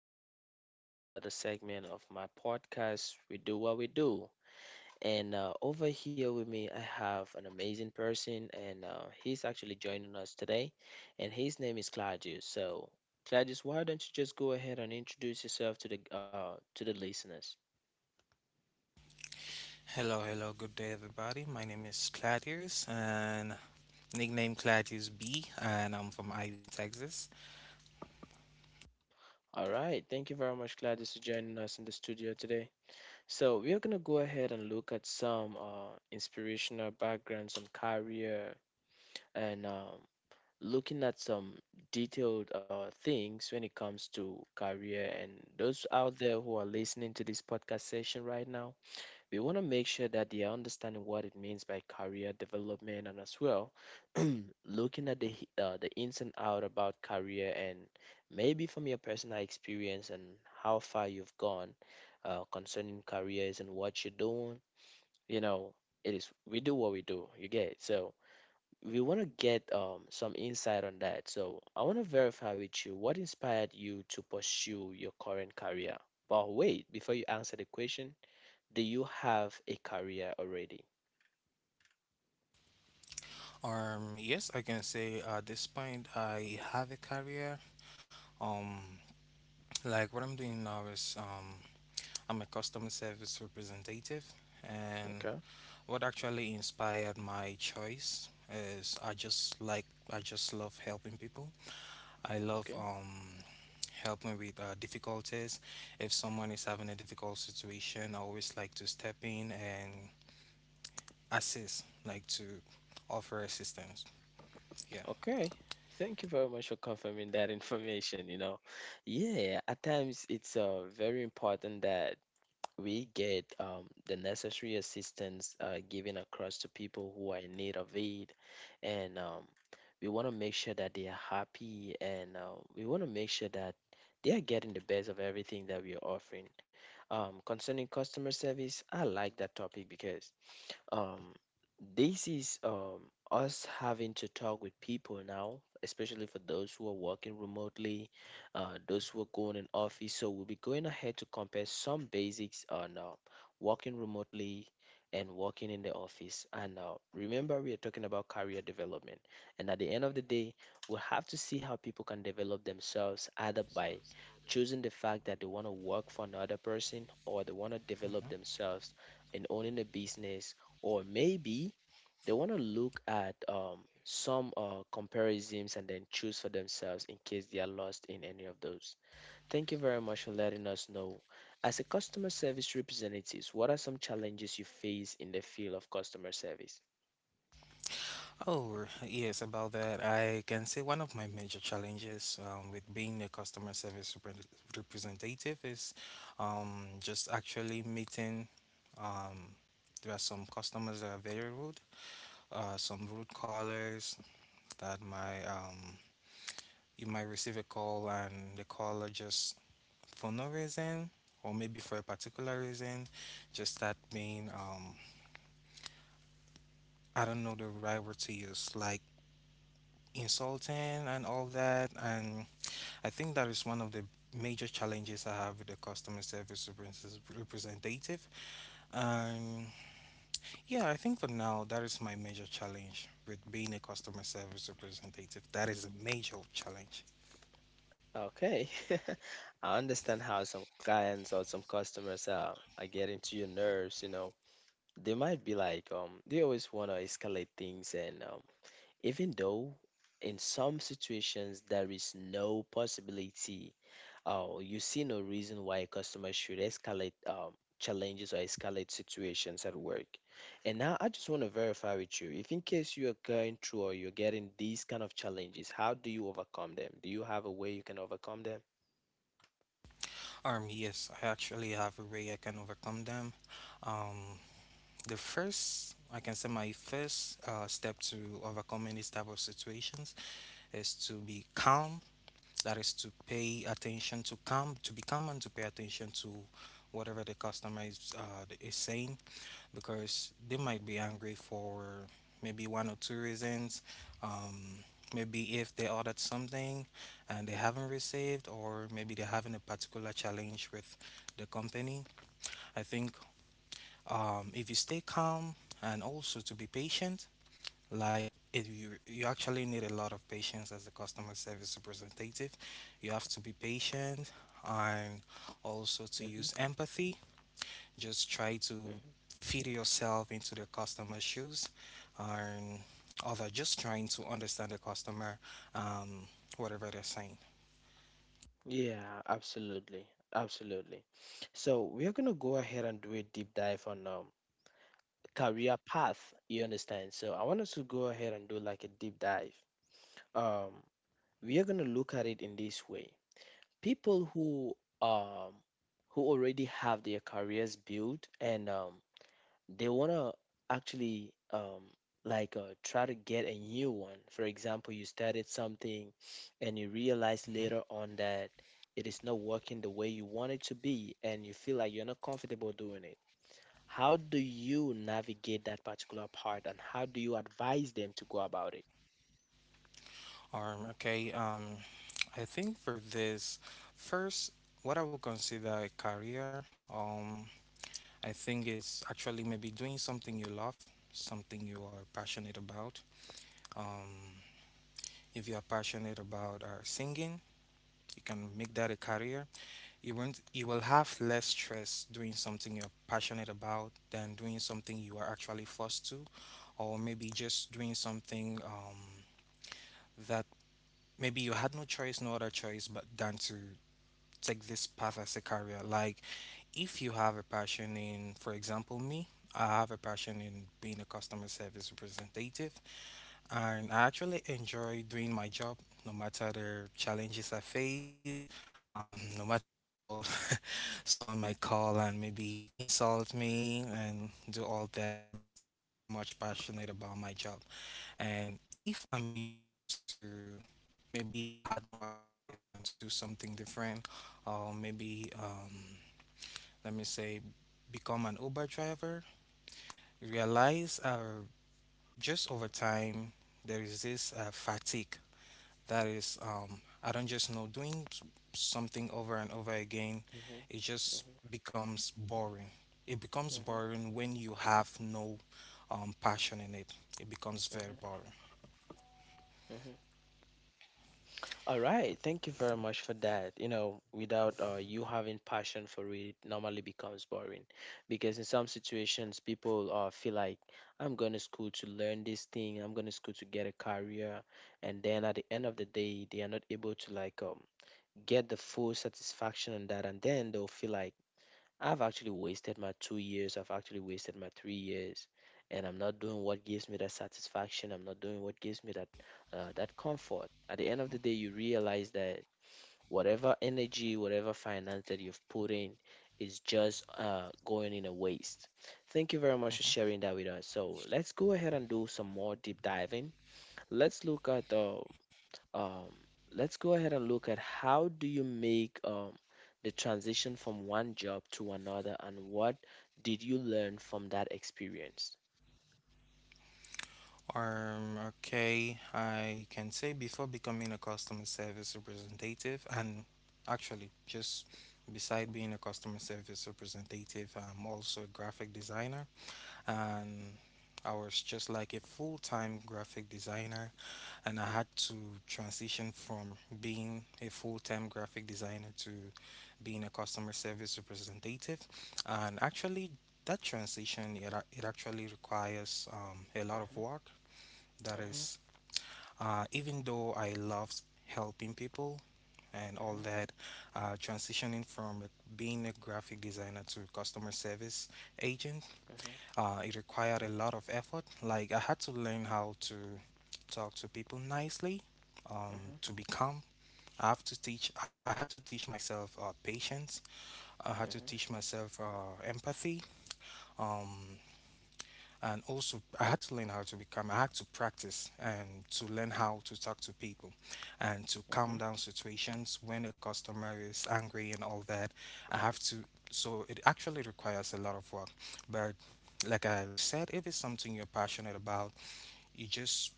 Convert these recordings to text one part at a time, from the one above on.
much for joining me on another segment of my podcast. We do what we do. And over here with me, I have an amazing person, and he's actually joining us today. And his name is Claudius. So, Claudius, why don't you just go ahead and introduce yourself to the listeners? Hello, hello, good day, everybody. My name is Claudius, and nickname Claudius B, and I'm from Irving, Texas. All right. Thank you very much, Claudius, for joining us in the studio today. So we are gonna go ahead and look at some inspirational backgrounds and career and looking at some detailed things when it comes to career and those out there who are listening to this podcast session right now, we want to make sure that they are understanding what it means by career development and as well looking at the ins and out about career and maybe from your personal experience and how far you've gone concerning careers and what you're doing you know it is we do what we do you get it. So we want to get some insight on that. So I want to verify with you what inspired you to pursue your current career. But wait, before you answer the question, do you have a career already? Yes, I can say at this point I have a career. Um, like what I'm doing now is, I'm a customer service representative, and Okay. what actually inspired my choice is I just love helping people. I love Okay. Helping with difficulties. If someone is having a difficult situation, I always like to step in and assist, like to offer assistance. Yeah. Okay. Thank you very much for confirming that information. Yeah, at times it's very important that we get the necessary assistance given across to people who are in need of aid. And we want to make sure that they are happy and we want to make sure that they are getting the best of everything that we are offering. Concerning customer service, I like that topic because um, this is us having to talk with people now, especially for those who are working remotely, those who are going in office. So we'll be going ahead to compare some basics on working remotely and working in the office. And remember, we are talking about career development. And at the end of the day, we'll have to see how people can develop themselves either by choosing the fact that they want to work for another person or they want to develop Mhm. themselves in owning a business or maybe they want to look at some comparisons and then choose for themselves in case they are lost in any of those. Thank you very much for letting us know. As a customer service representative, what are some challenges you face in the field of customer service? Oh, yes, about that. I can say one of my major challenges, with being a customer service representative is, just actually meeting. Um, there are some customers that are very rude, some rude callers that might, you might receive a call and the caller just, for no reason or maybe for a particular reason, just start being, I don't know the right word to use, like insulting and all that. And I think that is one of the major challenges I have with the customer service representative. And yeah, I think for now that is my major challenge with being a customer service representative. That is a major challenge. Okay. I understand how some clients or some customers are getting to your nerves, you know. They might be like, they always want to escalate things and even though in some situations there is no possibility, you see no reason why customers should escalate challenges or escalate situations at work. And now I just want to verify with you, if in case you are going through or you're getting these kind of challenges, how do you overcome them? Do you have a way you can overcome them? Yes, I actually have a way I can overcome them. Um, the first, I can say my first step to overcoming these type of situations is to be calm. That is to pay attention to calm, to be calm and to pay attention to whatever the customer is saying, because they might be angry for maybe one or two reasons. Um, Maybe if they ordered something and they haven't received, or maybe they're having a particular challenge with the company. I think if you stay calm and also to be patient, like if you actually need a lot of patience as a customer service representative, you have to be patient and also to use Hmm. empathy, just try to Hmm. fit yourself into the customer's shoes and other, just trying to understand the customer, um, whatever they're saying. Yeah, absolutely, absolutely. So we are going to go ahead and do a deep dive on career path, you understand? So I want us to go ahead and do like a deep dive. Um, we are going to look at it in this way: people who, um, who already have their careers built, and um, they want to actually, um, like try to get a new one. For example, you started something and you realize Mm-hmm. later on that it is not working the way you want it to be and you feel like you're not comfortable doing it. How do you navigate that particular part and how do you advise them to go about it? Um, okay, um, I think for this, first, what I would consider a career, um, I think is actually maybe doing something you love, something you are passionate about. Um, if you are passionate about singing, you can make that a career. You won't, You will have less stress doing something you're passionate about than doing something you are actually forced to, or maybe just doing something that, maybe you had no choice, no other choice but than to take this path as a career. Like if you have a passion in, for example, me, I have a passion in being a customer service representative, and I actually enjoy doing my job, no matter the challenges I face, no matter how someone might call and maybe insult me and do all that. I'm still very much passionate about my job. And if I'm being forced to, maybe I had no other choice than to do something different, or maybe, let me say, become an Uber driver, realize just over time there is this fatigue that is, I don't just know, doing something over and over again. Mhm. It just Mhm. becomes boring. It becomes Mhm. boring when you have no passion in it. It becomes very Mhm. boring. Mhm. All right, thank you very much for that. You know, without you having passion for it, it normally becomes boring because in some situations people feel like, I'm going to school to learn this thing, I'm going to school to get a career, and then at the end of the day they are not able to get the full satisfaction on that, and then they'll feel like, I've actually wasted my 2 years, I've actually wasted my 3 years, and I'm not doing what gives me that satisfaction. I'm not doing what gives me that comfort. At the end of the day, you realize that whatever energy, whatever finance that you've put in is just going in a waste. Thank you very much for Mhm. sharing that with us. So let's go ahead and do some more deep diving. Let's look at um, let's go ahead and look at, how do you make the transition from one job to another and what did you learn from that experience? Okay, I can say before becoming a customer service representative, and actually, just beside being a customer service representative, I'm also a graphic designer, and I was just like a full time graphic designer. And I had to transition from being a full time graphic designer to being a customer service representative. And actually, that transition it actually requires a lot of Mm-hmm, work. That mm-hmm, is, even though I loved helping people and all mm-hmm, that, transitioning from being a graphic designer to customer service agent, it required a lot of effort. Like I had to learn how to talk to people nicely, mm-hmm, to be calm. I have to teach. I had to teach myself patience. I had to mm-hmm, teach myself empathy. Um, and also I had to learn how to become. I had to practice and to learn how to talk to people, and to calm mm-hmm, down situations when a customer is angry and all that. I have to. So it actually requires a lot of work, but like I've said, if it's something you're passionate about, you just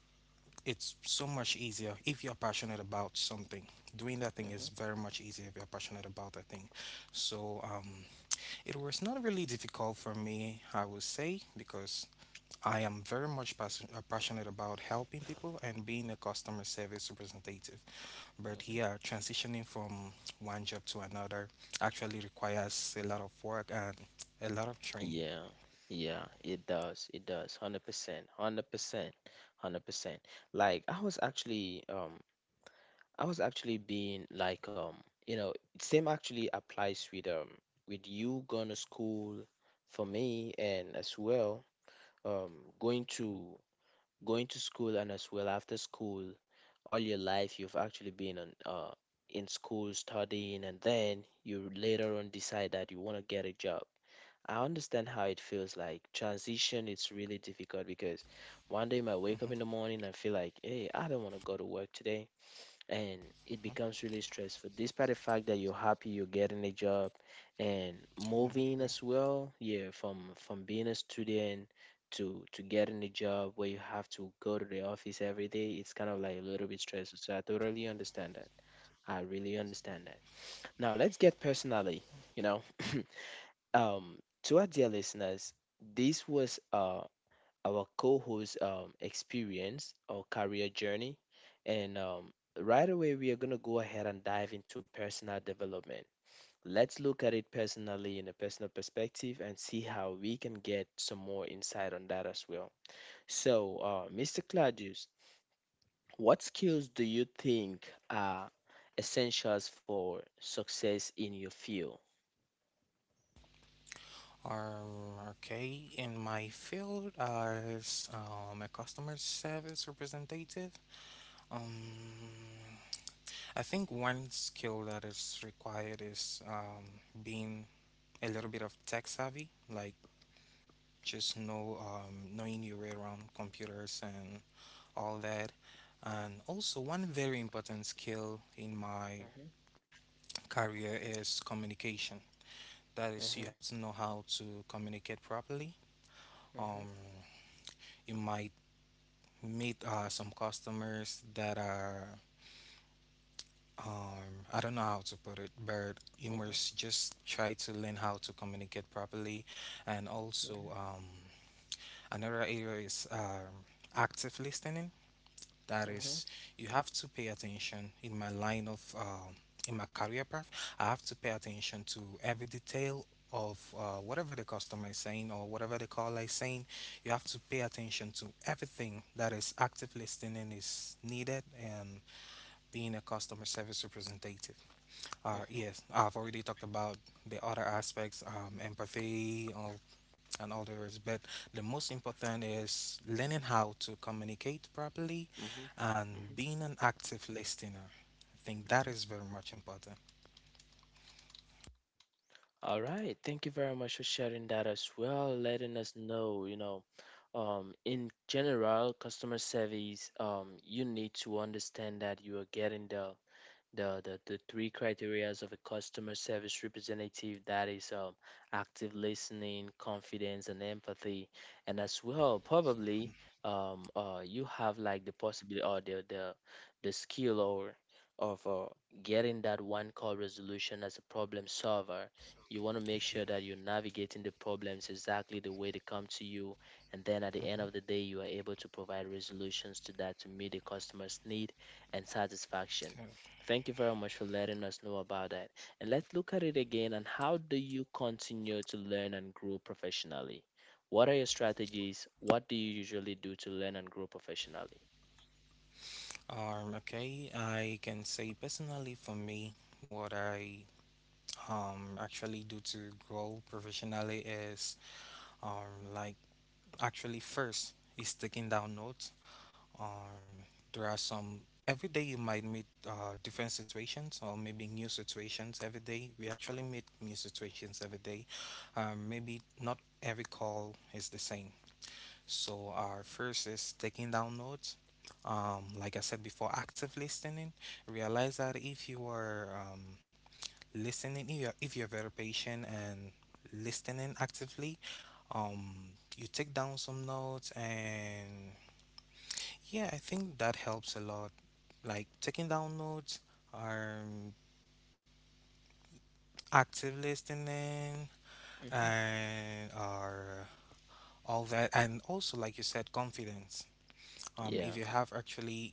it's so much easier if you're passionate about something. Doing that mm-hmm, thing mm-hmm. is very much easier if you're passionate about that thing. So it was not really difficult for me, I would say, because I am very much passionate about helping people and being a customer service representative. But yeah, transitioning from one job to another actually requires a lot of work and a lot of training. Yeah, yeah, it does. It does. 100%. 100%. 100%. Like I was actually, I was actually being like, you know, same actually applies with with you going to school for me and as well, um, going to going to school and as well after school, all your life you've actually been on, uh, in school studying and then you later on decide that you want to get a job. I understand how it feels like, transition it's really difficult because one day you might wake Mhm, up in the morning and feel like, hey, I don't want to go to work today, and it mhm. becomes really stressful despite the fact that you're happy you're getting a job and Yeah, moving yeah. as well. Yeah, from being a student to getting a job where you have to go to the office every day, it's kind of like a little bit stressful, so I totally understand that. I really understand that. Now let's get personally, you know, um, to our dear listeners, this was a, our co host experience or career journey. And right away, we are going to go ahead and dive into personal development. Let's look at it personally, in a personal perspective, and see how we can get some more insight on that as well. So, Mr. Claudius, what skills do you think are essentials for success in your field? Okay, in my field as, a customer service representative, um, I think one skill that is required is, being a little bit of tech savvy, like just knowing your way around computers and all that. And also, one very important skill in my Mhm, career is communication. That is, you mhm, have to know how to communicate properly. mhm, Um, you might meet some customers that are, I don't know how to put it, but you mhm, must just try to learn how to communicate properly, and also, mhm, another area is active listening. That mhm, is, you have to pay attention in my line of in my career path. I have to pay attention to every detail of whatever the customer is saying or whatever the caller is saying. You have to pay attention to everything. That is active listening is needed and being a customer service representative. Mhm, Yes, I've already talked about the other aspects, empathy, or and all the rest, but the most important is learning how to communicate properly mhm, and mhm, being an active listener. I think that mhm. is very much important. All right. Thank you very much for sharing that as well, letting us know, you know, in general, customer service, you need to understand that you are getting the three criterias of a customer service representative, that is, active listening, confidence and empathy, and as well probably, you have like the possibility or the skill or of, getting that one call resolution as a problem solver. You want to make Yeah, sure yeah. that you're navigating the problems exactly the way they come to you, and then at the end of Mhm. the day you are able to provide resolutions to that to meet the customer's need and satisfaction. Yeah. Thank you very much for letting us know about that. And let's look at it again, and how do you continue to learn and grow professionally? What are your strategies? What do you usually do to learn and grow professionally? Okay, I can say personally for me, what I actually do to grow professionally is, like, actually first is taking down notes. Um, there are some, every day you might meet different situations or maybe new situations every day. We actually meet new situations every day. Maybe not every call is the same. So our first is taking down notes. Like I said before, active listening. Realize that if you are listening, if you're very patient and listening actively, um, you take down some notes, and yeah, I think that helps a lot, like taking down notes or, active listening Mm-hmm. and or all that. And also like you said, confidence, Yeah. if you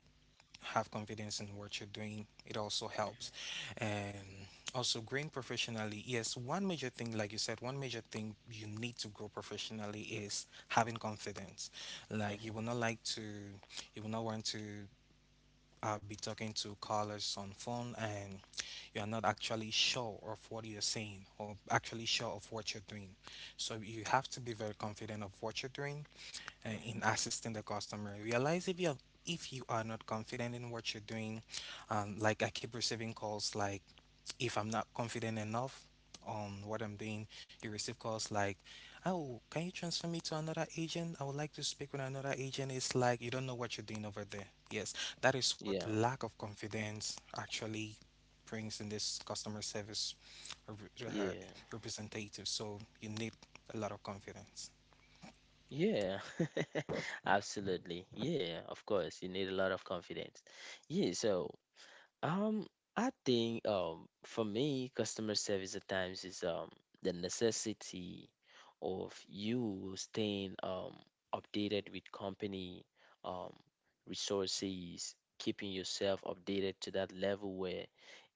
have confidence in what you're doing, it also helps. Mm-hmm. And also growing professionally, yes, one major thing like you said, one major thing you need to grow professionally is having confidence. Like Mm-hmm. You will not want to be talking to callers on phone and you're not actually sure of what you're saying or actually sure of what you're doing. So you have to be very confident of what you're doing and Mm-hmm. in assisting the customer. Realize if you are not confident in what you're doing, like I keep receiving calls, like if I'm not confident enough on what I'm doing, you receive calls like, "Oh, can you transfer me to another agent? I would like to speak with another agent." It's like you don't know what you're doing over there. Yes, that is what Yeah. lack of confidence actually brings in this customer service re- Yeah. uh, representative. So you need a lot of confidence. Yeah. Absolutely. Yeah, of course. You need a lot of confidence. Yeah, so um, I think for me, customer service at times is the necessity of you staying updated with company, um, resources, keeping yourself updated to that level where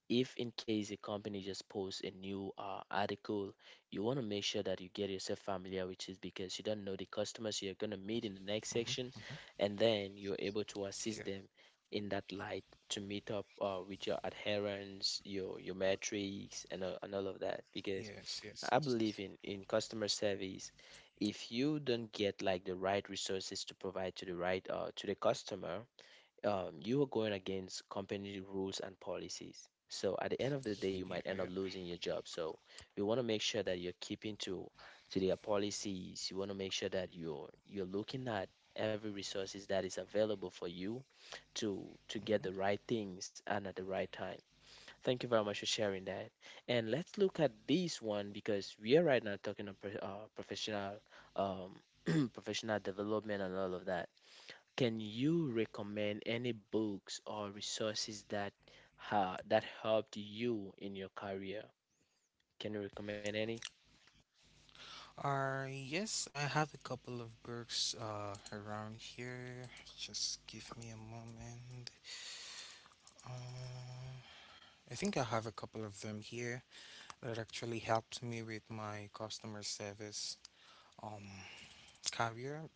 if in case a company just posts a new, article, you want to make sure that you get yourself familiar with it because you don't know the customers you're going to Hmm. meet in the next section, and then you're Yeah. able to assist them in that light, to meet up, with your adherence, your metrics, and all of that, Yes. because Yes. Yes, yes. I believe in customer service, if you don't get like the right resources to provide to the right, to the customer, you are going against company rules and policies. So at the end of the day, you Yeah. might end Yeah. up losing your job. So you want to make sure that you're keeping to their policies. You want to make sure that you're looking at every resources that is available for you to to get Mm-hmm. the right things and at the right time. Thank you very much for sharing that. And let's look at this one because we are right now talking about, professional, um, professional development and all of that. Can you recommend any books or resources that helped you in your career? Can you recommend any? Yes, I have a couple of books around here. Just give me a moment. Uh, I think I have a couple of them here that actually helped me with my customer service um career.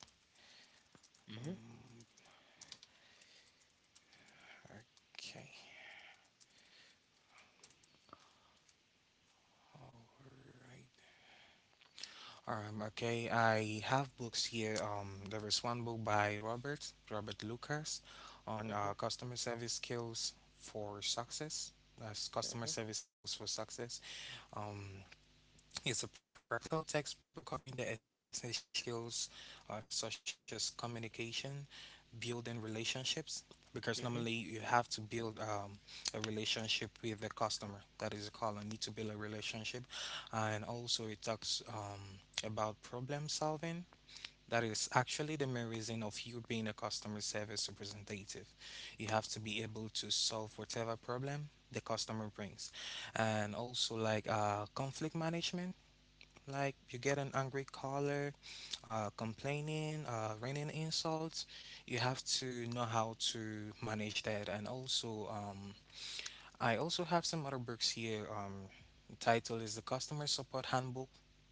Mm-hmm, Mm. Okay, all right. Okay, I have books here. There is one book by Robert Lucas on mm-hmm, customer service skills for success. That's customer mm-hmm, service skills for success. Um, it's a practical textbook covering the essential skills, such as communication, building relationships, because normally you mm-hmm, have to build, a relationship with the customer. That is a call and need to build a relationship. And also it talks about problem solving. That is actually the main reason of you being a customer service representative. You have to be able to solve whatever problem the customer brings. And also like conflict management, like you get an angry caller, complaining, raining insults, you have to know how to manage that. And also, I also have some other books here. The title is The Customer Support Handbook.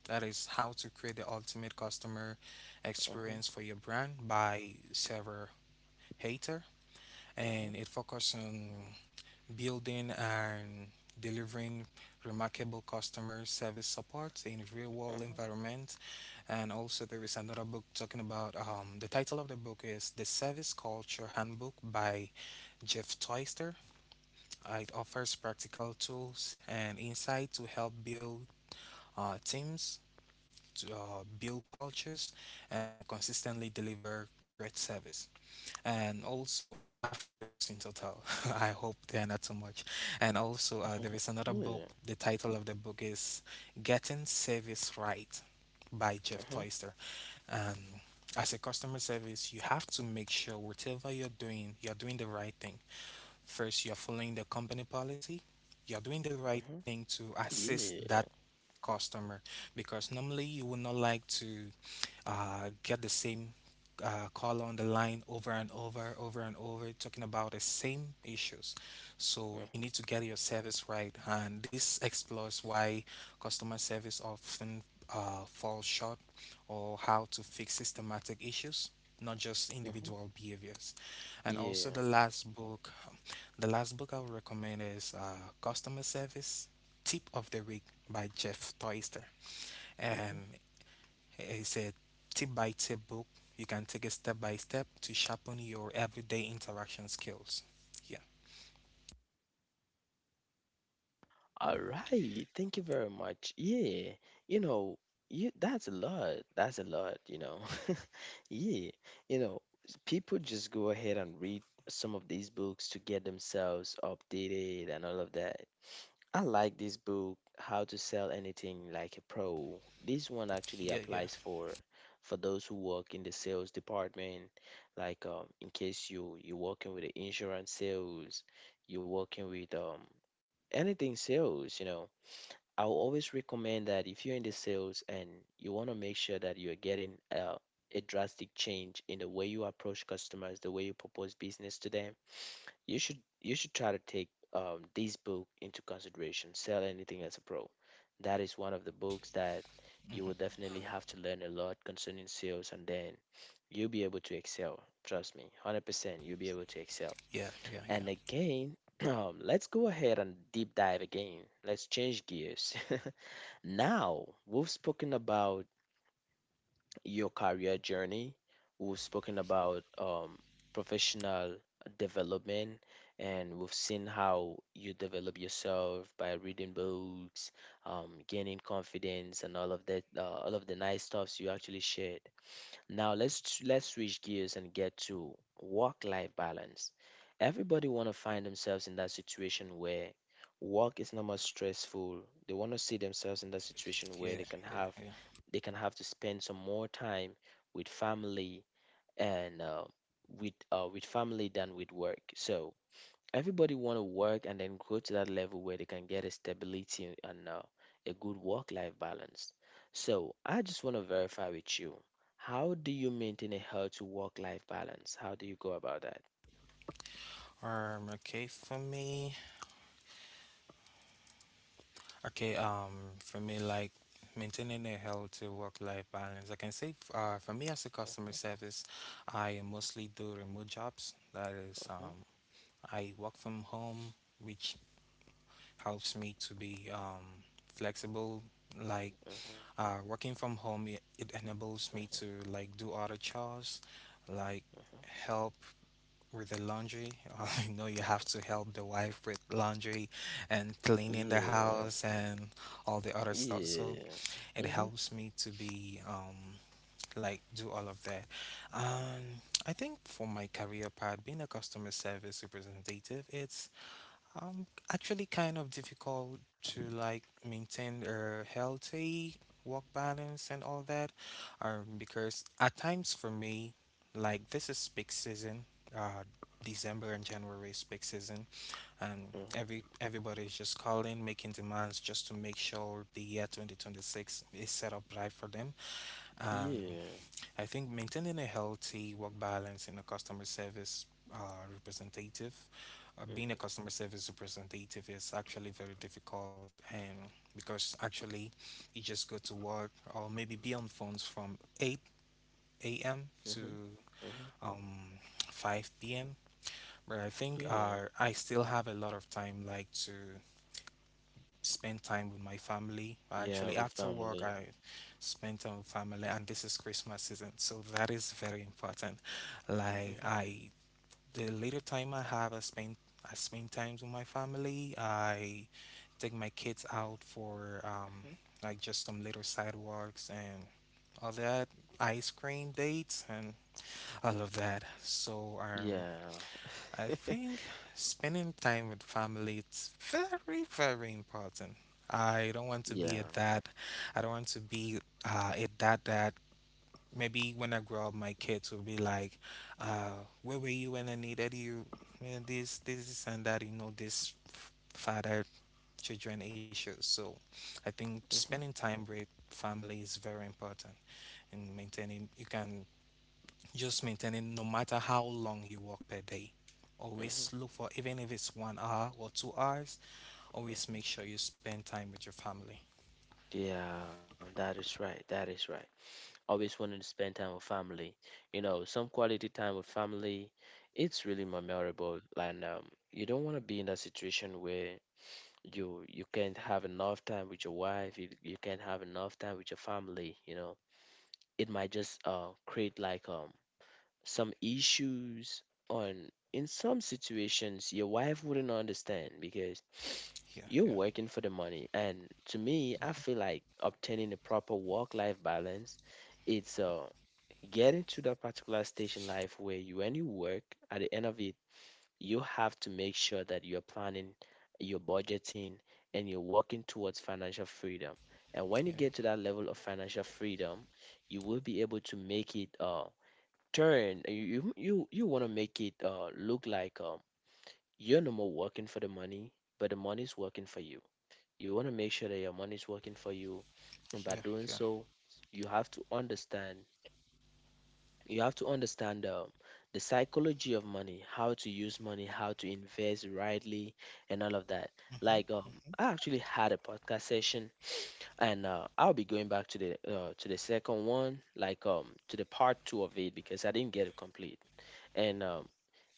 That is how to create the ultimate customer mm-hmm, experience for your brand by Sarah Hater. And it focuses on building and delivering remarkable customer service support in real world mm-hmm, environment. And also there is another book talking about the title of the book is The Service Culture Handbook by Jeff Toyster. It offers practical tools and insight to help build teams, to build cultures, and consistently deliver great service. And also, I have five books in total. I hope they are not too much. And also, there is another book. The title of the book is Getting Service Right by Jeff mm-hmm. Toyster. And as a customer service, you have to make sure whatever you're doing the right thing. First, you're following the company policy. You're doing the right Mm-hmm. thing to assist that Yeah. customer because normally you would not like to get the same caller on the line over and over, talking about the same issues. Mm-hmm, So mm-hmm. you need to get your service right, and this explores why customer service often falls short or how to fix systematic issues. Not just Yeah. Mm-hmm, mm-hmm. individual behaviors, and also Yeah. The last book I would recommend is "Customer Service Tip of the Week" by Jeff Toister. Mm-hmm. And he said, tip by tip book, you can take it step by step to sharpen your everyday interaction skills. Yeah, All right, thank you very much. Yeah. You know, you that's a lot. That's a lot. Yeah, you know, people just go ahead and read some of these books to get themselves updated and all of that. I like this book, How to Sell Anything Like a Pro. This one actually yeah, yeah, applies for those who work in the sales department, like in case you're working with the insurance sales, you're working with anything sales, you know. I'll always recommend that if you're in the sales and you want to make sure that you're getting a drastic change in the way you approach customers, the way you propose business to them, you should try to take this book into consideration. Sell anything as a pro. That is one of the books that you will definitely have to learn a lot concerning sales, and then you'll be able to excel. Trust me, 100%, you'll be able to excel. yeah, yeah, And again, let's go ahead and deep dive again. Let's change gears. Now, we've spoken about your career journey, we've spoken about professional development, and we've seen how you develop yourself by reading books, gaining confidence, and all of that, all of the nice stuffs you actually shared. Now let's switch gears and get to work-life balance. Everybody want to find themselves in that situation where work is not more stressful. They want to see themselves in that situation where yeah, yeah, yeah, they can have to spend some more time with family and with family than with work. So everybody want to work and then grow to that level where they can get a stability and a good work life balance. So, I just want to verify with you. How do you maintain a healthy work life balance? How do you go about that? yeah. Okay, for me, okay, um, for me, like maintaining a healthy work-life balance. I can say, for me as a customer Mhm, service, I mostly do remote jobs. That is, mhm, I work from home, which helps me to be flexible, like mhm, working from home, it enables mhm, me to like do other chores, like help with the laundry. I know mhm, you mhm. have to help the wife with laundry and cleaning Yeah. the house and all the other stuff. So Yeah. it Mhm. helps me to be like do all of that. I think for my career part, being a customer service representative, it's actually, kind of difficult to like maintain a healthy work balance and all that, because at times for me, like this is peak season, uh, December and January is peak season, and Mhm. everybody's just calling, making demands just to make sure the year 2026 is set up right for them. Yeah. I think maintaining a healthy work balance in a customer service uh, representative, being a Mhm. customer service representative is actually very difficult, and because actually you just go to work or maybe be on phones from 8 a.m. to Mhm. Mhm. um, 5 p.m. But I think Yeah. I still have a lot of time like to spend time with my family. Actually, Yeah, with after work, family. I spend time with family, and this is Christmas season, so that is very important. Like Mhm. I, the little time I have, I spend times with my family. I take my kids out for Mhm. like just some little sidewalks and all that ice cream dates and all of that. So Yeah. I think spending time with family it's very very important. I don't want to be a Yeah. dad. I don't want to be a dad that maybe when I grow up my kids will be like, where were you when I needed you? Man, this and that. You know this father children issues. So I think spending Mhm. time with family is very important in maintaining. You can just maintain it no matter how long you work per day. Always look Mhm. for, even if it's 1 hour or 2 hours, always make sure Mhm. you spend time with your family. Yeah, that is right. That is right. Always wanting to spend time with family. You know, some quality time with family, it's really memorable. And you don't want to be in that situation where you can't have enough time with your wife. You can't have enough time with your family. You know, it might just create like some issues on in some situations your wife wouldn't understand, because Yeah, you're yeah, working for the money. And to me, I feel like obtaining a proper work life balance, it's getting to that particular stage in life where you when you work, at the end of it you have to make sure that you're planning, you're budgeting, and you're working towards financial freedom. And when you yeah, get to that level of financial freedom, you will be able to make it turn, you want to make it look like you're no more working for the money, but the money's working for you. You want to make sure that your money's working for you. And yeah, by yeah. doing so, you have to understand you have to understand the psychology of money, how to use money, how to invest rightly, and all of that. Mm-hmm, Like mm-hmm, I actually had a podcast session, and I'll be going back to the second one, like to the part two of it, because I didn't get it complete. And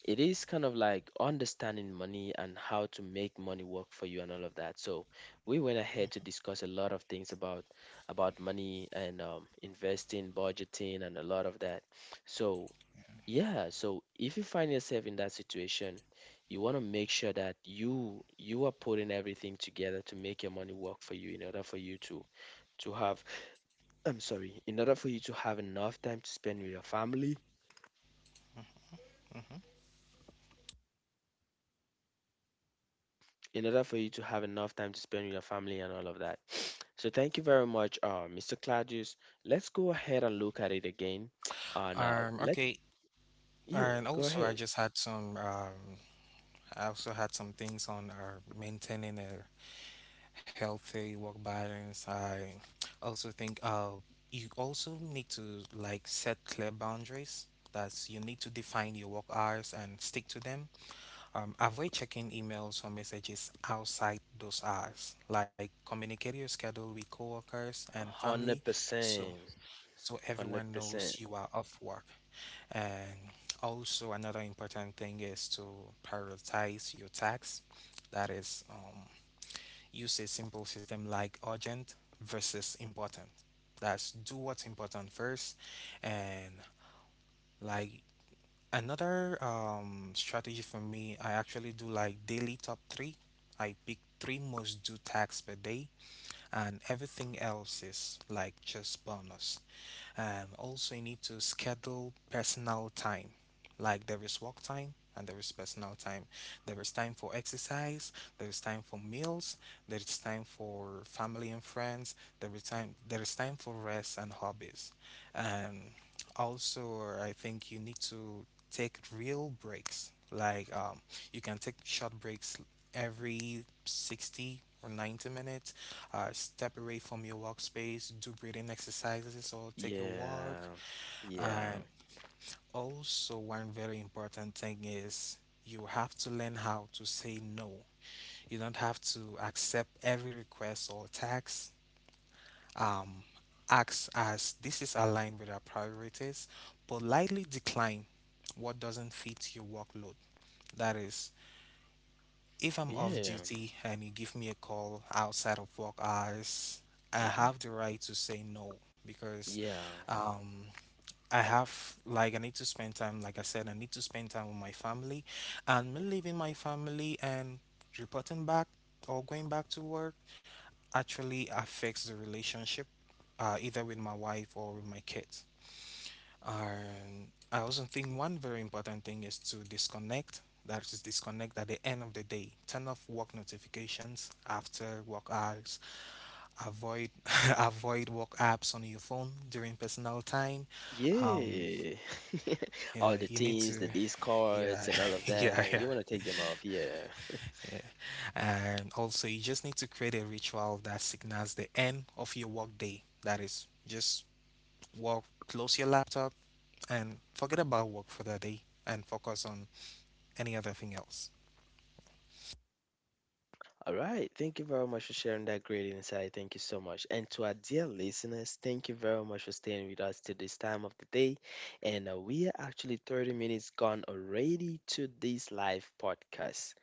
it is kind of like understanding money and how to make money work for you and all of that. So we went ahead to discuss a lot of things about money and investing, budgeting, and a lot of that. So yeah. yeah, so if you find yourself in that situation, you want to make sure that you are putting everything together to make your money work for you in order for you to have I'm sorry, in order for you to have enough time to spend with your family, Mm-hmm. in order for you to have enough time to spend with your family and all of that. So thank you very much, Mr. Claudius. Let's go ahead and look at it again, and Yeah. Let Okay. yeah, go And ahead. also, I just had some, I also had some things on maintaining a healthy work balance. I also think you also need to like set clear boundaries. That's you need to define your work hours and stick to them. Avoid checking emails or messages outside those hours. Like communicate your schedule with coworkers and family, Hundred so percent, everyone hundred knows percent. you are off work. And also another important thing is to prioritize your tasks. That is. Use a simple system like urgent versus important. That's do what's important first. And like another strategy for me, I actually do like daily top three. I pick three most due tasks per day, and everything else is like just bonus. Also, you need to schedule personal time. Like there is work time and there is personal time. There is time for exercise. There is time for meals. There is time for family and friends. There is time for rest and hobbies. Um, also, I think you need to take real breaks. Like you can take short breaks every 60 or 90 minutes, step away from your workspace, do breathing exercises, or take a walk. Yeah, yeah, And also, one very important thing is you have to learn how to say no. You don't have to accept every request or tax. Um, acts as this is aligned with our priorities. Politely decline what doesn't fit your workload. That is if I'm off yeah, duty and you give me a call outside of work hours, I hmm, have the right to say no because yeah. um, I have, like, I need to spend time, like I said, I need to spend time with my family. And me leaving my family and reporting back or going back to work actually affects the relationship, either with my wife or with my kids. And I also think one very important thing is to disconnect. That is disconnect at the end of the day. Turn off work notifications after work hours. Avoid avoid work apps on your phone during personal time. Um, Yeah. yeah, All the you need teams, to the discards, yeah and all of yeah that. yeah. You want to take them off. Yeah. Yeah. And also, you just need to create a ritual that signals the end of your work day. That is, just work, close your laptop, and forget about work for the day and focus on any other thing else? All right, thank you very much for sharing that great insight. Thank you so much. And to our dear listeners, thank you very much for staying with us to this time of the day. And we are actually 30 minutes gone already to this live podcast.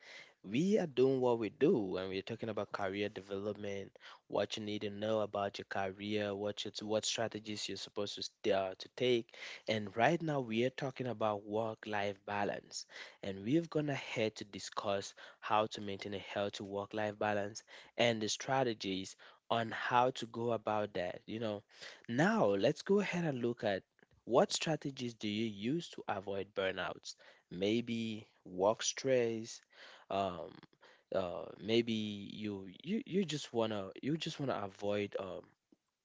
We are doing what we do, and we're talking about career development, what you need to know about your career, what you, what strategies you're supposed to to take. And right now, we are talking about work-life balance, and we're gonna head to discuss how to maintain a healthy work life balance, and the strategies on how to go about that. You know, now let's go ahead and look at what strategies do you use to avoid burnouts? Maybe work stress, um, maybe you just wanna avoid um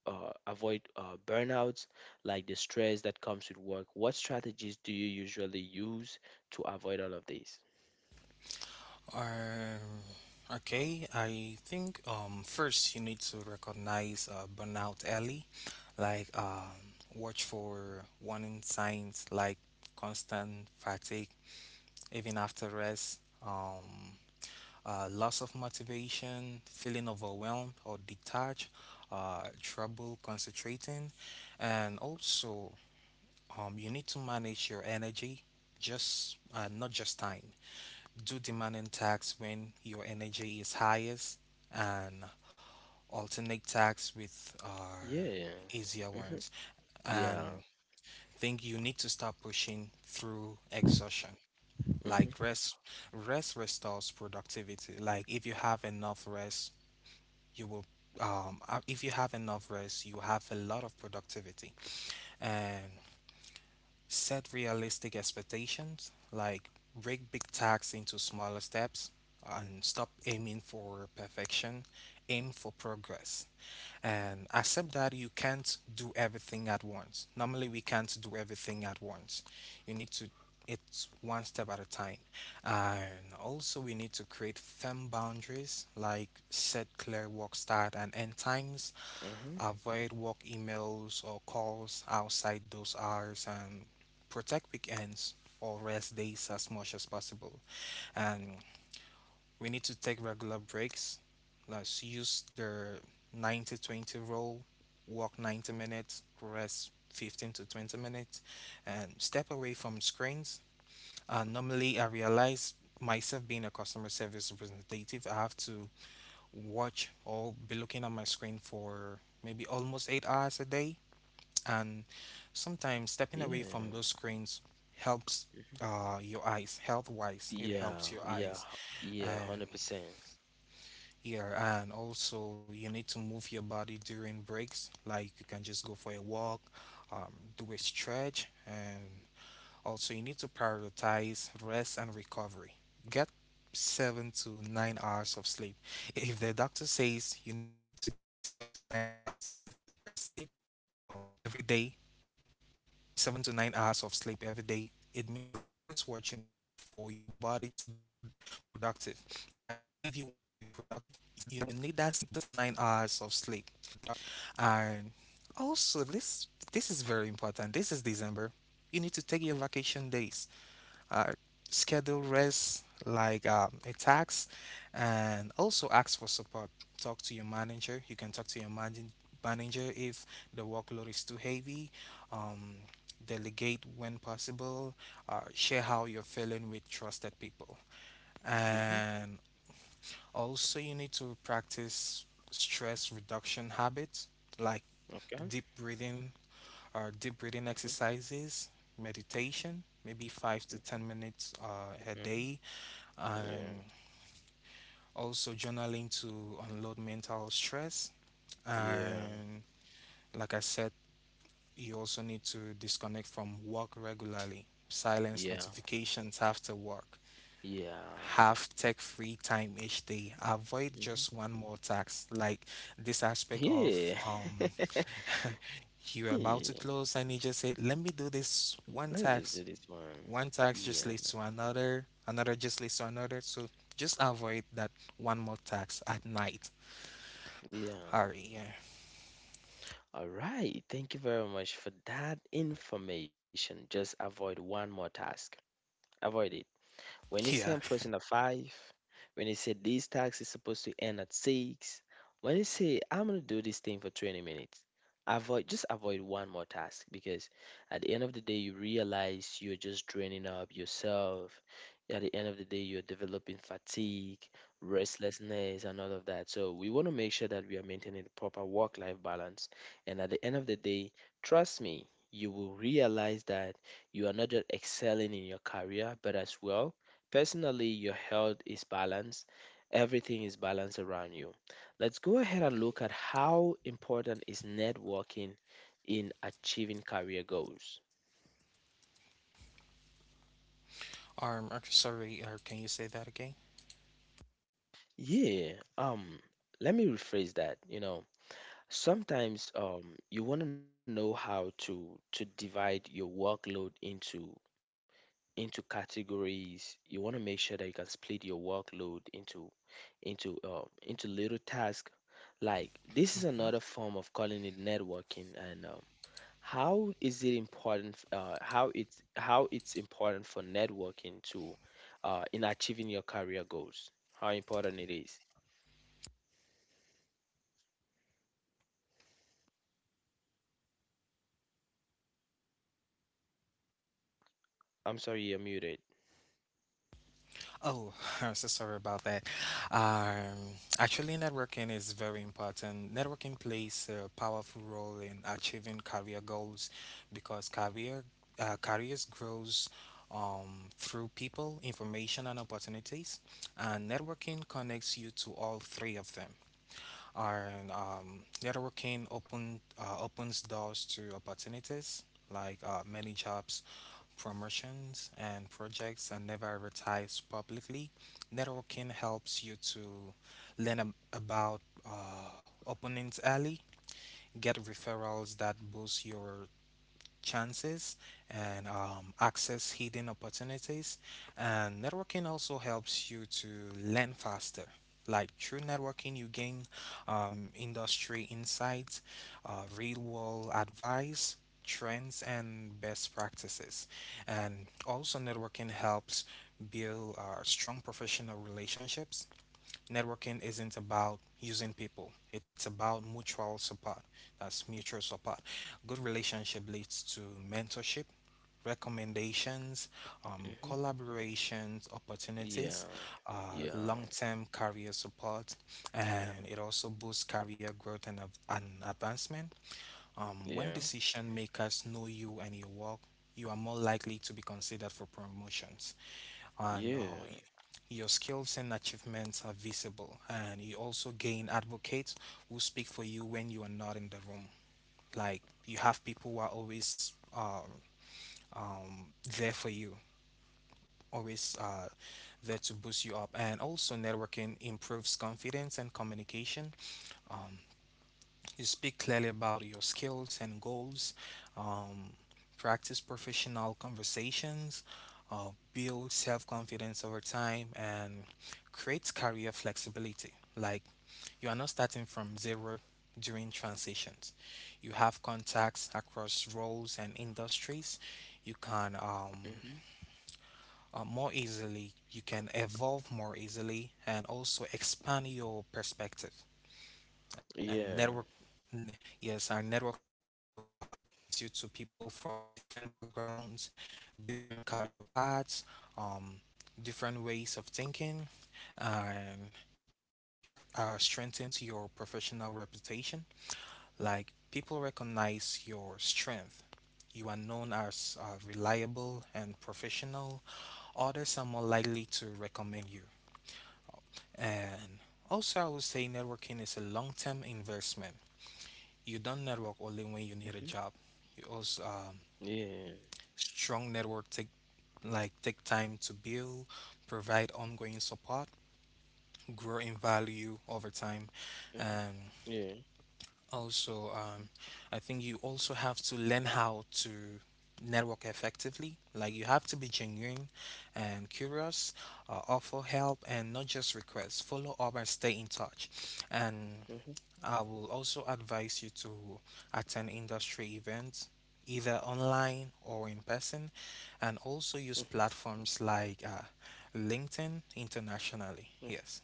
uh, avoid burnouts like the stress that comes with work. What strategies do you usually use to avoid all of these? Uh, okay, I think first you need to recognize burnout early, like watch for warning signs like constant fatigue, even after rest, um, loss of motivation, feeling overwhelmed or detached, trouble concentrating, and also you need to manage your energy, just not just time. Do demanding tasks when your energy is highest and alternate tasks with our Yeah. easier ones. Yeah. And think you need to stop pushing through exhaustion. Like Mm-hmm. rest, rest restores productivity. Like if you have enough rest, you will. If you have enough rest, you have a lot of productivity, and set realistic expectations, like break big tasks into smaller steps and stop aiming for perfection, aim for progress. And accept that you can't do everything at once. Normally, we can't do everything at once. You need to it's one step at a time. And also, we need to create firm boundaries like set clear work start and end times, Mm-hmm. avoid work emails or calls outside those hours and protect weekends or rest days as much as possible. And we need to take regular breaks. Let's use the 90 20 rule work 90 minutes, rest 15 to 20 minutes, and step away from screens. Normally, I realize myself being a customer service representative, I have to watch or be looking at my screen for maybe almost 8 hours a day and sometimes stepping away Yeah. from those screens helps Mm-hmm. Your eyes health wise it Yeah. helps your Yeah. eyes. Yeah. And 100%. yeah, and also you need to move your body during breaks like you can just go for a walk, do a stretch. And also you need to prioritize rest and recovery, get 7 to 9 hours of sleep. If the doctor says you need to get seven to nine hours pla- per sleep, every day 7 to 9 hours of sleep every day. It means that is what you need for your body to be productive. That is, if you want to be productive, you need that 7 to 9 hours of sleep. And also, this is very important. This is December. You need to take your vacation days, uh, schedule rest like a tax. And also ask for support, talk to your manager. You can talk to your manager if the workload is too heavy, um, delegate when possible, share how you're feeling with trusted people. Mm-hmm. And also you need to practice stress reduction habits like Okay. deep breathing or deep breathing Mm-hmm. exercises, Mm-hmm. meditation maybe 5 to 10 minutes a Mm-hmm. day, Yeah. and also journaling to unload mental stress. Yeah. And like I said, you also need to disconnect from work regularly, silence Yeah. notifications after work, Yeah. have tech free time each day, avoid Mm-hmm. just one more tax. Like this aspect of Yeah. You're about to Yeah. close and you just say, let me do this one Let me just tax. do this one. One tax Yeah. just leads to another, another just leads to another. So just avoid that one more tax at night. Yeah. Hurry, yeah. All right, thank you very much for that information. Just avoid one more task. Avoid it. When you say Yeah. I'm closing at 5, when you say this task is supposed to end at 6, when you say I'm going to do this thing for 20 minutes, avoid, just avoid one more task, because at the end of the day you realize you're just draining up yourself. At the end of the day you're developing fatigue, restlessness, and all of that. So we want to make sure that we are maintaining the proper work-life balance. And at the end of the day, trust me, you will realize that you are not just excelling in your career, but as well, personally, your health is balanced. Everything is balanced around you. Let's go ahead and look at how important is networking in achieving career goals. Okay, sorry, can you say that again? Yeah, let me rephrase that. You know, sometimes you want to know how to divide your workload into categories. You want to make sure that you can split your workload into into little tasks, like this is Hmm. another form of calling it networking. And how is it important how it's important for networking to in achieving your career goals, how important it is. I'm sorry, you're muted. Oh, I'm so sorry about that. Actually, networking is very important. Networking plays a powerful role in achieving career goals because careers grows through people, information, and opportunities. And networking connects you to all three of them, and networking opens doors to opportunities, like many jobs, promotions, and projects are never advertised publicly. Networking helps you to learn about openings early, get referrals that boost your chances, and access hidden opportunities. And networking also helps you to learn faster. Like through networking, you gain industry insights, real world advice, trends, and best practices. And also, networking helps build strong professional relationships. Networking isn't about using people, it's about mutual support. That's mutual support. Good relationship leads to mentorship, recommendations, Hmm, collaborations, opportunities, yeah, yeah, long-term career support. And it hmm, also boosts career growth and advancement. Um, when yeah, decision makers know you and your work, you are more likely to be considered for promotions, and yeah, your skills and achievements are visible. And you also gain advocates who speak for you when you are not in the room. Like you have people who are always um, there for you, always there to boost you up. And also, networking improves confidence and communication. Um, you speak clearly about your skills and goals, um, practice professional conversations, build self confidence over time, and create career flexibility. Like you are not starting from zero during transitions. You have contacts across roles and industries. You can hmm, more easily, you can evolve more easily, and also expand your perspective and yeah, n- yes, and networking also connects you to people from different backgrounds, different career paths, um, different ways of thinking, and also strengthens your professional reputation. Like people recognize your strength, you are known as reliable and professional, others are more likely to recommend you. And also, I would say networking is a long term investment. You don't network only when you need hmm, a job. You also yeah, strong network take time to build, provide ongoing support, grow in value over time, and hmm. also I think you also have to learn how to network effectively. Like you have to be genuine and curious, offer help, and not just request. Follow up and stay in touch, and Mhm, I will also advise you to attend industry events, either online or in person, and also use mhm, platforms like LinkedIn internationally. mhm. Yes.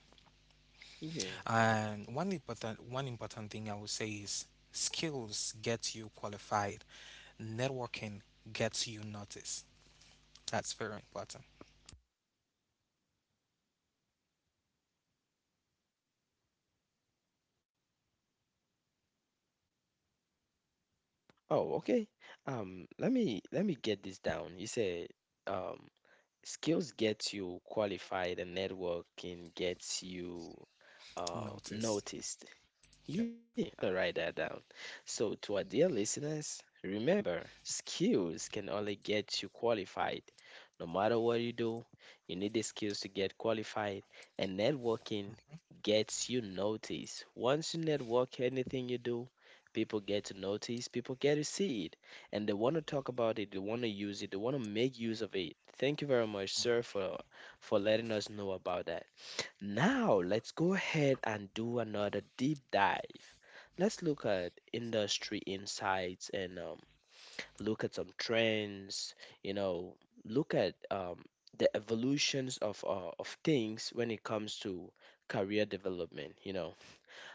Yeah. And one important thing I would say is skills get you qualified. Networking gets you noticed. That's very important. Oh, okay. Let me get this down. You said um skills gets you qualified and networking gets you Notice. noticed. Yeah, Yeah. I'm gonna write that down. So, to our dear listeners, remember skills can only get you qualified. No matter what you do, you need the skills to get qualified, and networking gets you noticed. Once you network, anything you do, people get to notice, people get to see it, and they want to talk about it, they want to use it, they want to make use of it. Thank you very much, sir, for letting us know about that. Now, let's go ahead and do another deep dive. Let's look at industry insights and look at some trends, you know, look at the evolutions of things when it comes to career development, you know.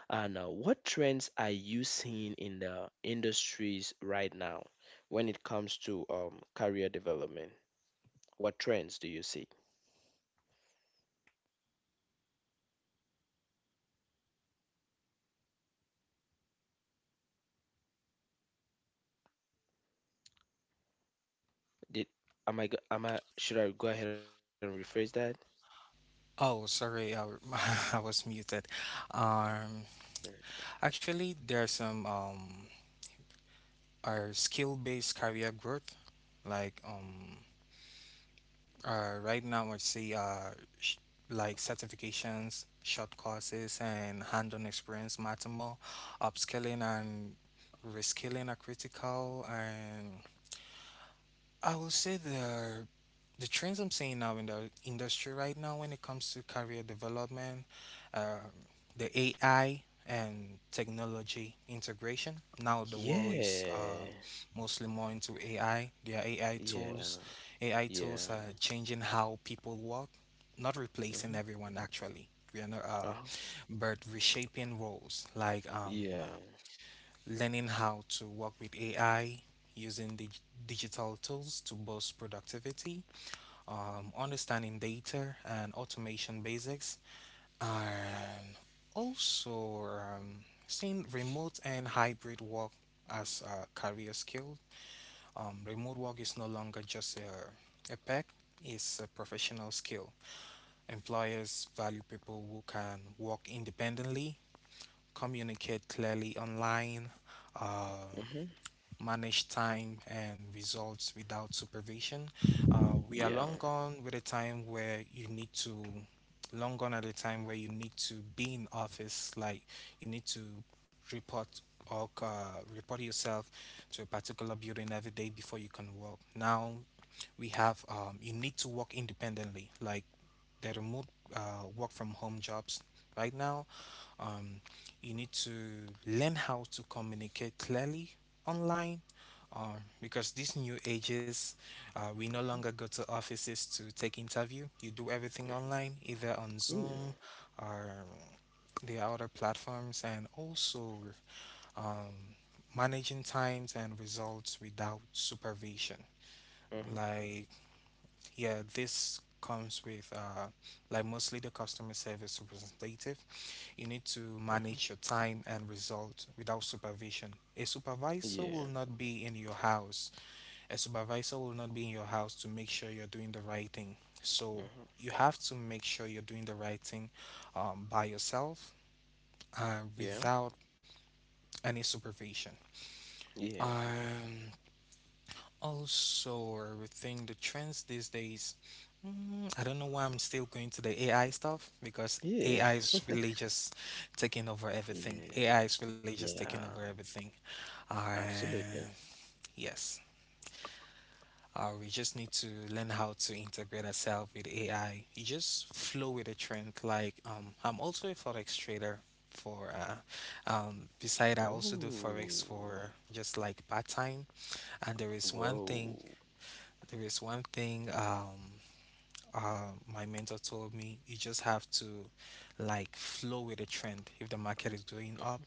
And what trends are you seeing in the industries right now when it comes to career development? What trends do you see? Did am I go- am I should I go ahead and rephrase that? Oh, sorry, I was muted. Uh, Um, actually, there's some our skill-based career growth, like right now I say, sh- like certifications, short courses, and hands-on experience matter more. Upskilling and reskilling are critical. And I will say the trends I'm seeing now in the industry right now when it comes to career development, um, the AI and technology integration. Now the world is Yeah, mostly more into AI. There AI yeah, tools. AI tools yeah, are changing how people work, not mm-hmm. replacing everyone actually. We are not, uh but reshaping roles like yeah, learning how to work with AI, using digital tools to boost productivity, understanding data and automation basics, and also um, seeing remote and hybrid work as a career skill. Remote work is no longer just a perk; it's a professional skill. Employers value people who can work independently, communicate clearly online, um, mm-hmm. manage time and results without supervision. We are Yeah, long gone with a time where you need to, long gone at a time where you need to be in office, like you need to report or report yourself to a particular building every day before you can work. Now we have, you need to work independently, like the remote work from home jobs. Right now, um, you need to learn how to communicate clearly online, um, because these new ages, we no longer mm-hmm. go Yeah, to offices to take interview. You do everything online, either on mm-hmm. Zoom or the other platforms, and also um, managing times and results without supervision. Like, yeah, this comes with like mostly the customer service representative, you need to Mm-hmm. manage your time and result without supervision. A supervisor Yeah, will not be in your house. A supervisor will not be in your house to make sure you're doing the right thing. So mm-hmm. you have to make sure you're doing the right thing by yourself, Yeah, without any supervision. yeah, Um, Also, are thing the trends these days. I don't know why I'm still going to the AI stuff because yeah, AI is really just taking over everything. yeah, AI is really just taking over yeah, everything. Uh, absolutely. yes. We just need to learn how to integrate ourselves with AI. You just flow with the trend. Like I'm also a forex trader. For beside I also do forex Oh. for just like part time. And there is one thing Whoa. there is one thing my mentor told me you just have to like flow with the trend. If the market is going up,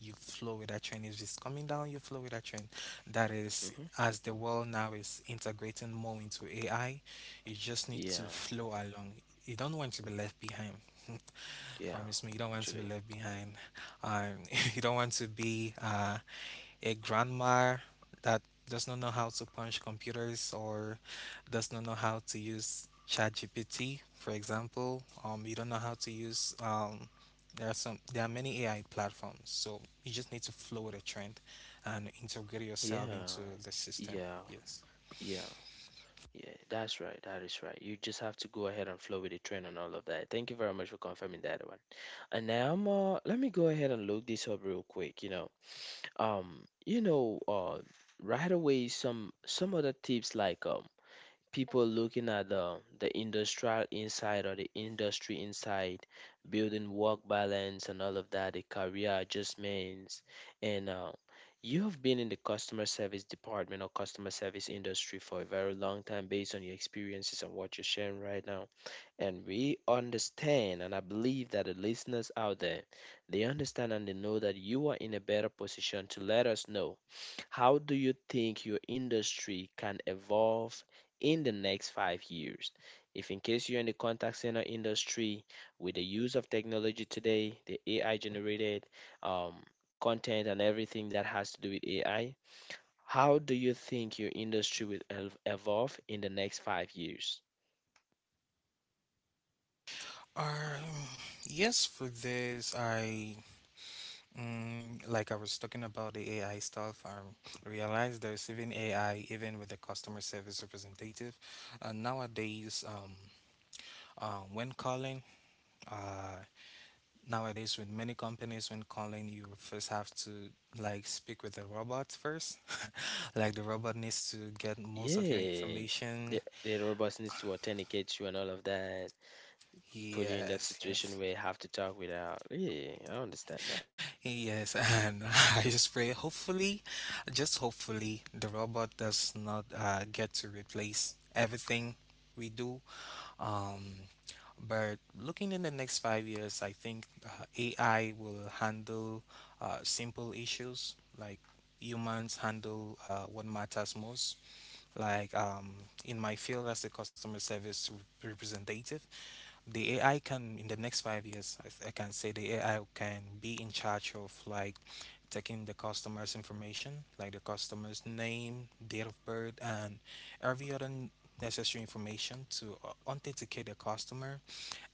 you flow with that trend. If it's coming down, you flow with that trend. That is, Mm-hmm. as the world now is integrating more into AI, you just need Yeah. to flow along. You don't want to be left behind. Yeah. Promise me, you don't want Actually. to be left behind. Um, you don't want to be a grandma that does not know how to punch computers or does not know how to use ChatGPT, for example. You don't know how to use. There are some. There are many AI platforms, so you just need to flow with the trend and integrate yourself Yeah. into the system. Yeah. Yes. Yeah. Yeah. That's right. That is right. You just have to go ahead and flow with the trend and all of that. Thank you very much for confirming that one. And now, I'm, let me go ahead and look this up real quick. Um, you know, uh, right away some other tips like people looking at the industrial inside or the industry inside, building work balance and all of that, the career adjustments, and you've been in the customer service department or customer service industry for a very long time based on your experiences and what you're sharing right now. And we understand, and I believe that the listeners out there, they understand and they know that you are in a better position to let us know how do you think your industry can evolve in the next 5 years? If, in case you're in the contact center industry, with the use of technology today, the AI generated um, content and everything that has to do with AI, how do you think your industry will evolve in the next 5 years? Um, yes, for this, like I was talking about the AI stuff, I realized there's even AI even with the customer service representative. Nowadays, when calling, uh, nowadays with many companies, when calling, you first have to like speak with the robot first. like the robot needs to get most of your Yeah, the, information. the robots needs to authenticate you and all of that, put you in that Yes, situation yes. where you have to talk without. Yeah, I understand that. Yes, and I just pray hopefully, just hopefully, the robot does not get to replace everything we do. Um, but looking in the next 5 years, I think AI will handle simple issues like humans handle what matters most. Like in my field as a customer service representative, the AI can in the next 5 years, I can say the AI can be in charge of like taking the customer's information, like the customer's name, date of birth, and every other necessary information to authenticate the customer,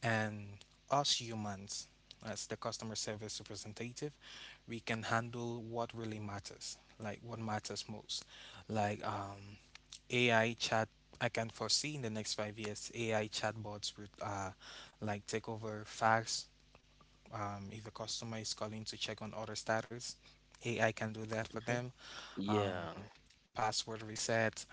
and us humans, as the customer service representative, we can handle what really matters, like what matters most. Like AI chat, I can foresee in the next 5 years, AI chatbots would like take over fax. If a customer is calling to check on order status, AI can do that for Hmm. them. Yeah. Um, password reset,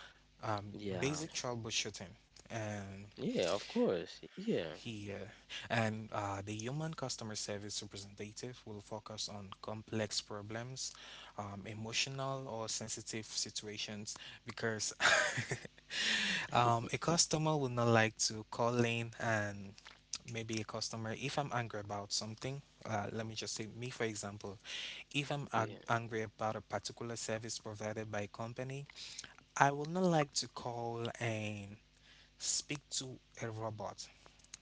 Yeah, basic troubleshooting. And yeah, of course. Yeah, here. And the human customer service representative will focus on complex problems, emotional or sensitive situations, because a customer would not like to call in and maybe a customer, if I'm angry about something, let me just say, me for example, if I'm yeah, angry about a particular service provided by a company, I would not like to call and speak to a robot.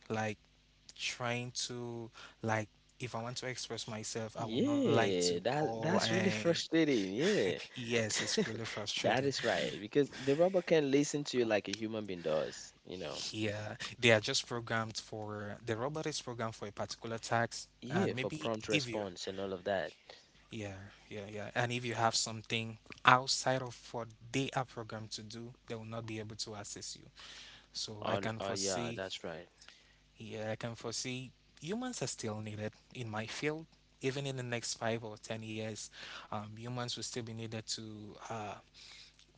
Like trying to like if I want to express myself, I would not like to yeah. That call that's really and frustrating. Yeah, yes, it's really that frustrating. is right because the robot can listen to you like a human being does. Yeah, they are just programmed for the robot is programmed for a particular F- task, and yeah, for maybe prompt if you response and all of that. yeah yeah, and if you have something outside of what they are programmed to do, they will not be able to assist you. So I Oh can yeah, that's foresee right. Yeah, I can foresee humans are still needed in my field. Even in the next 5 or 10 years, humans will still be needed to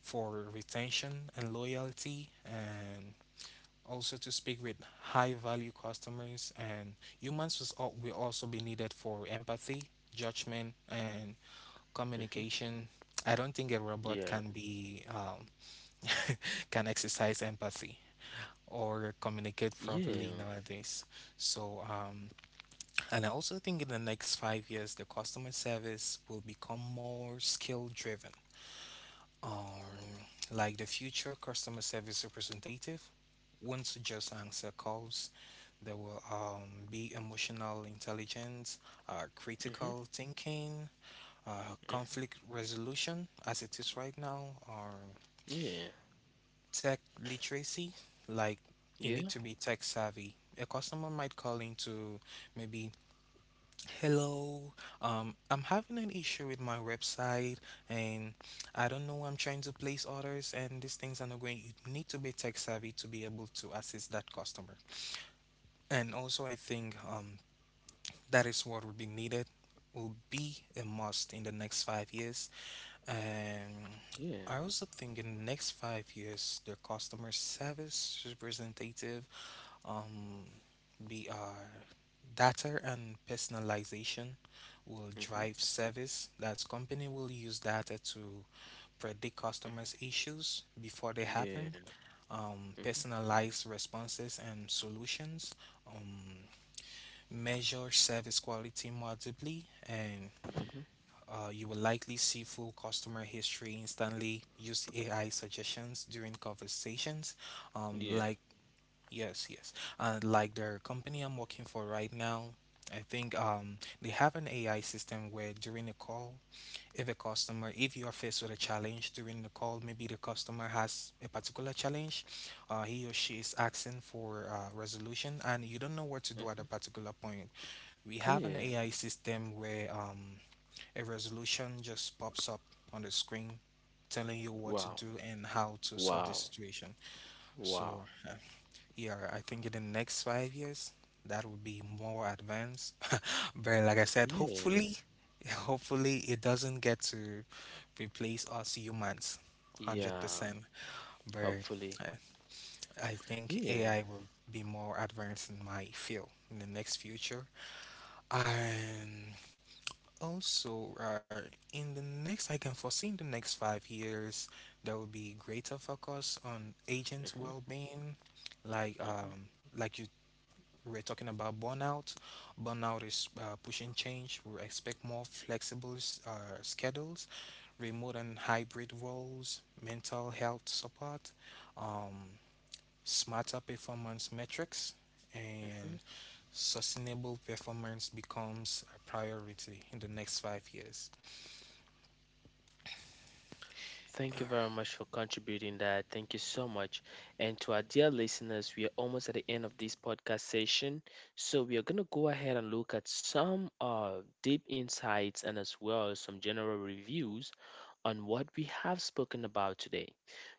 for retention and loyalty, and also to speak with high value customers. And humans will also be needed for empathy, judgment, and Mm-hmm. communication. I don't think a Yeah, robot can be can exercise empathy or yeah. communicate properly nowadays. So and I also think in the next 5 years, the customer service will become more skill driven. Um, like the future customer service representative won't just answer calls. There will be emotional intelligence, Mm-hmm. critical thinking, Mm-hmm. conflict resolution, as it is right now, or Yeah, tech literacy. Like you yeah, need to be tech savvy. A customer might call in to maybe hello, I'm having an issue with my website, and I don't know. I'm trying to place orders, and these things are not going. You need to be tech savvy to be able to assist that customer. And also, I think that is what will be needed, will be a must in the next 5 years. And yeah. I also think in the next 5 years, the customer service representative um, we are data and personalization will Mm-hmm. drive service. That's company will use data to predict customers' Mm-hmm. issues before they happen, Yeah. Mm-hmm. personalize responses and solutions, um, measure service quality more deeply, and Mm-hmm. You will likely see full customer history instantly. Use AI suggestions during conversations, um, Yeah. like Yes, yes. And like the company I'm working for right now, I think they have an AI system where during a call, if a customer, if you are faced with a challenge during the call, maybe the customer has a particular challenge, he or she is asking for resolution, and you don't know what to do at a Mm-hmm. particular point. We have an AI Yeah. system where a resolution just pops up on the screen, telling you what to Wow. do and how to solve the Wow. situation. So Wow. yeah, I think in the next 5 years that will be more advanced. But like I said, hopefully, Yeah. hopefully it doesn't get to replace us humans 100%. Yeah, But I, hopefully. I think AI Yeah. will be more advanced in my field in the next future. And also, in the next, I can foresee in the next 5 years, there will be greater focus on agent Hmm. well-being like um like you we're talking about burnout. Burnout is pushing change. We expect more flexible schedules, remote and hybrid roles, mental health support, um, smarter performance metrics, and Hmm. sustainable performance becomes a priority in the next 5 years. Thank you very much for contributing that. Thank you so much. And to our dear listeners, we are almost at the end of this podcast session. So we are going to go ahead and look at some deep insights and as well as some general reviews on what we have spoken about today.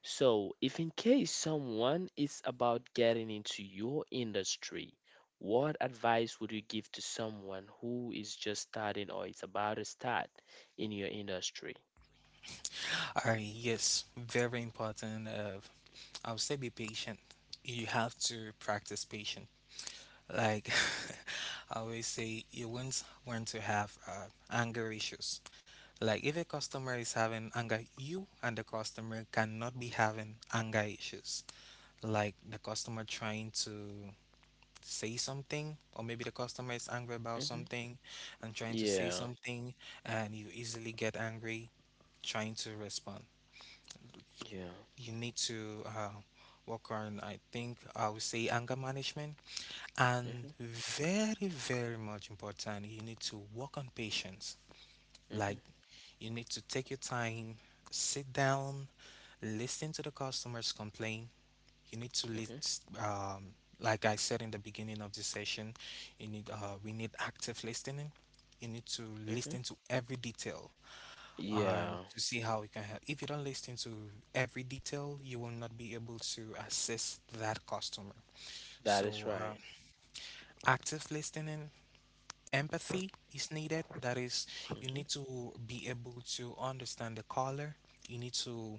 So, if in case someone is about getting into your industry, what advice would you give to someone who is just starting or is about to start in your industry? All right, yes, very important. I would say be patient. You have to practice patience. Like I always say, you won't want to have anger issues. Like if a customer is having anger, you and the customer cannot be having anger issues. Like the customer trying to say something, or maybe the customer is angry about Hmm. something and trying to say Yeah. something, and you easily get angry trying to respond. Yeah. You need to work on, I think, I would say, anger management, and Mm-hmm. very very much important, you need to work on patience. Like Mm-hmm. you need to take your time, sit down, listen to the customers complain. You need to Mm-hmm. Like I said in the beginning of the session, you need we need active listening. You need to Mm-hmm. listen to every detail and Yeah. to see how you can help. If you don't listen to every detail, you will not be able to assist that customer. That is So right. Active listening, empathy is needed. That is, you Mm-hmm. need to be able to understand the caller. You need to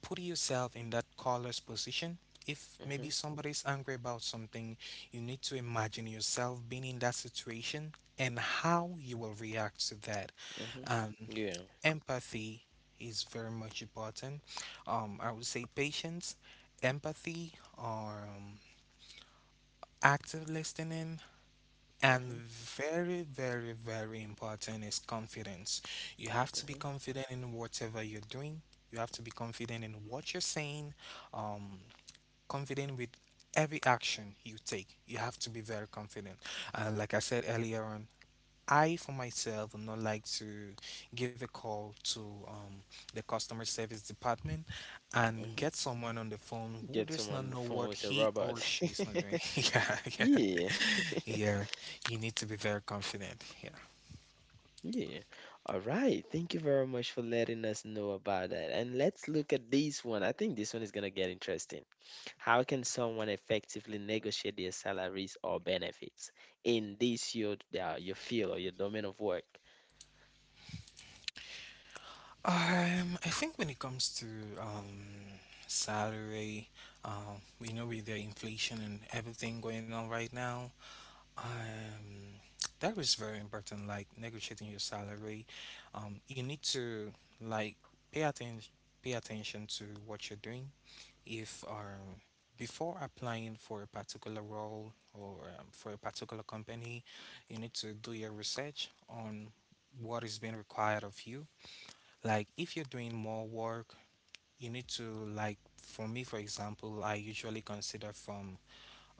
put yourself in that caller's position. If Mm-hmm. maybe somebody's angry about something, you need to imagine yourself being in that situation and how you will react to that. Mm-hmm. Um, Yeah. empathy is very much important. I would say patience, empathy, or active listening, and Mm-hmm. very, very, very important is confidence. You have to Mm-hmm. be confident in whatever you're doing. You have to be confident in what you're saying, um, confident with every action you take. You have to be very confident. Like I said earlier on, I, for myself, would not like to give a call to um, the customer service department and Mm-hmm. get someone on the phone who Get does someone not on the know phone what with a he or robot. she is not doing. Yeah, yeah. Yeah. Yeah, you need to be very confident. Yeah. Yeah. All right. Thank you very much for letting us know about that. And let's look at this one. I think this one is going to get interesting. How can someone effectively negotiate their salaries or benefits in this your field or your domain of work? I think when it comes to um salary, we know with the inflation and everything going on right now, um, that is very important. Like negotiating your salary, you need to like pay attention pay attention to what you're doing. If before applying for a particular role or for a particular company, you need to do your research on what is being required of you. Like if you're doing more work, you need to, like for me, for example, I usually consider from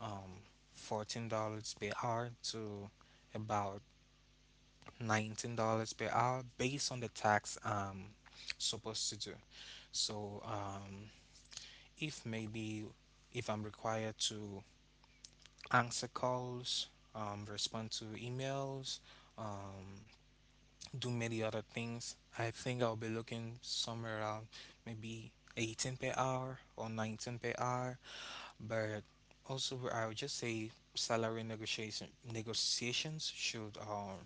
um, $14 per hour to about $19 per hour based on the tax supposed to do. So if maybe if I'm required to answer calls, respond to emails, um, do many other things, I think I'll be looking somewhere around maybe 18 per hour or 19 per hour. But also, I would just say salary negotiations should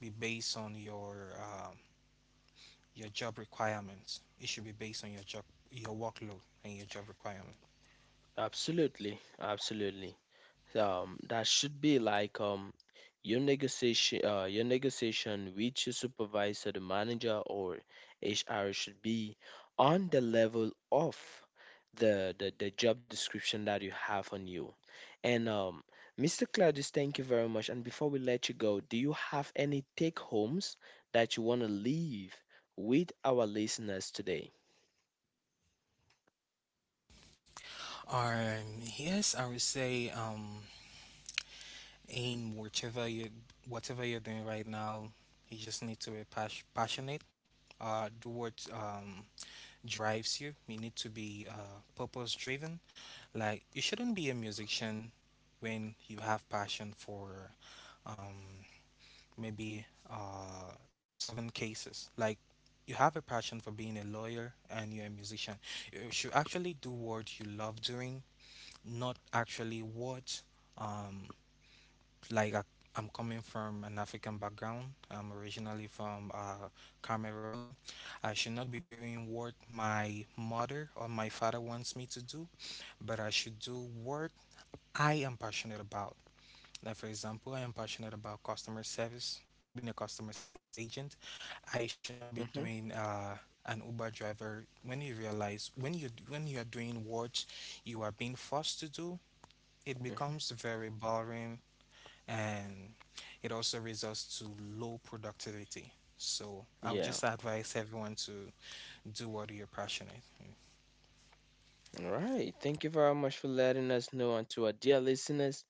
be based on your job requirements. It should be based on your job, your workload, and your job requirements. Absolutely. Absolutely. That should be like your negotiation with your supervisor, the manager, or hr should be on the level of the job description that you have on you and mr claudius, thank you very much. And before we let you go, do you have any take homes that you want to leave with our listeners today? Yes, I would say in whatever you whatever you're doing right now, you just need to be passionate. Do what drives you. You need to be purpose driven. Like you shouldn't be a musician when you have passion for um, maybe solving cases. Like you have a passion for being a lawyer and you're a musician. You should actually do what you love doing, not actually what um like I'm coming from an African background. I'm originally from Cameroon. I should not be doing what my mother or my father wants me to do, but I should do what I am passionate about. Like for example, I am passionate about customer service, being a customer service agent. I should not be Hmm. doing an Uber driver. When you realize when you are doing what you are being forced to do, it Hmm. becomes very boring and it also results to low productivity. So I would Yeah. just advise everyone to do what you're passionate. All right. Thank you very much for letting us know. And to our dear listeners,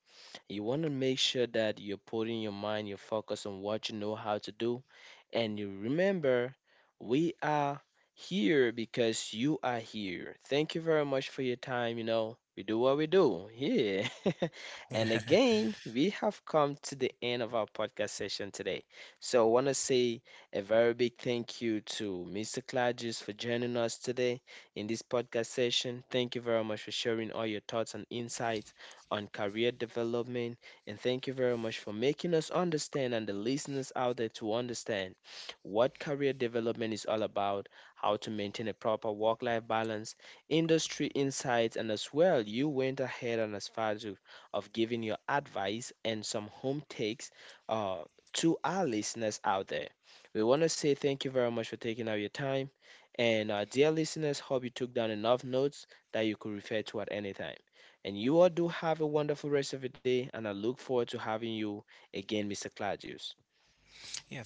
you want to make sure that you're putting your mind, your focus on what you know how to do. And you remember, we are here because you are here. Thank you very much for your time. You know, we do what we do here. and again, we have come to the end of our podcast session today. So I want to say a very big thank you to Mr. Clarges for joining us today in this podcast session. Thank you very much for sharing all your thoughts and insights on career development. And thank you very much for making us understand, and the listeners out there to understand, what career development is all about, how to maintain a proper work life balance, industry insights, and as well, you went ahead and as far as of giving your advice and some home takes uh, to our listeners out there. We want to say thank you very much for taking out your time. And dear listeners, hope you took down enough notes that you could refer to at any time. And you all do have a wonderful rest of your day, and I look forward to having you again, Mr. Claudius.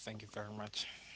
Yeah, thank you very much.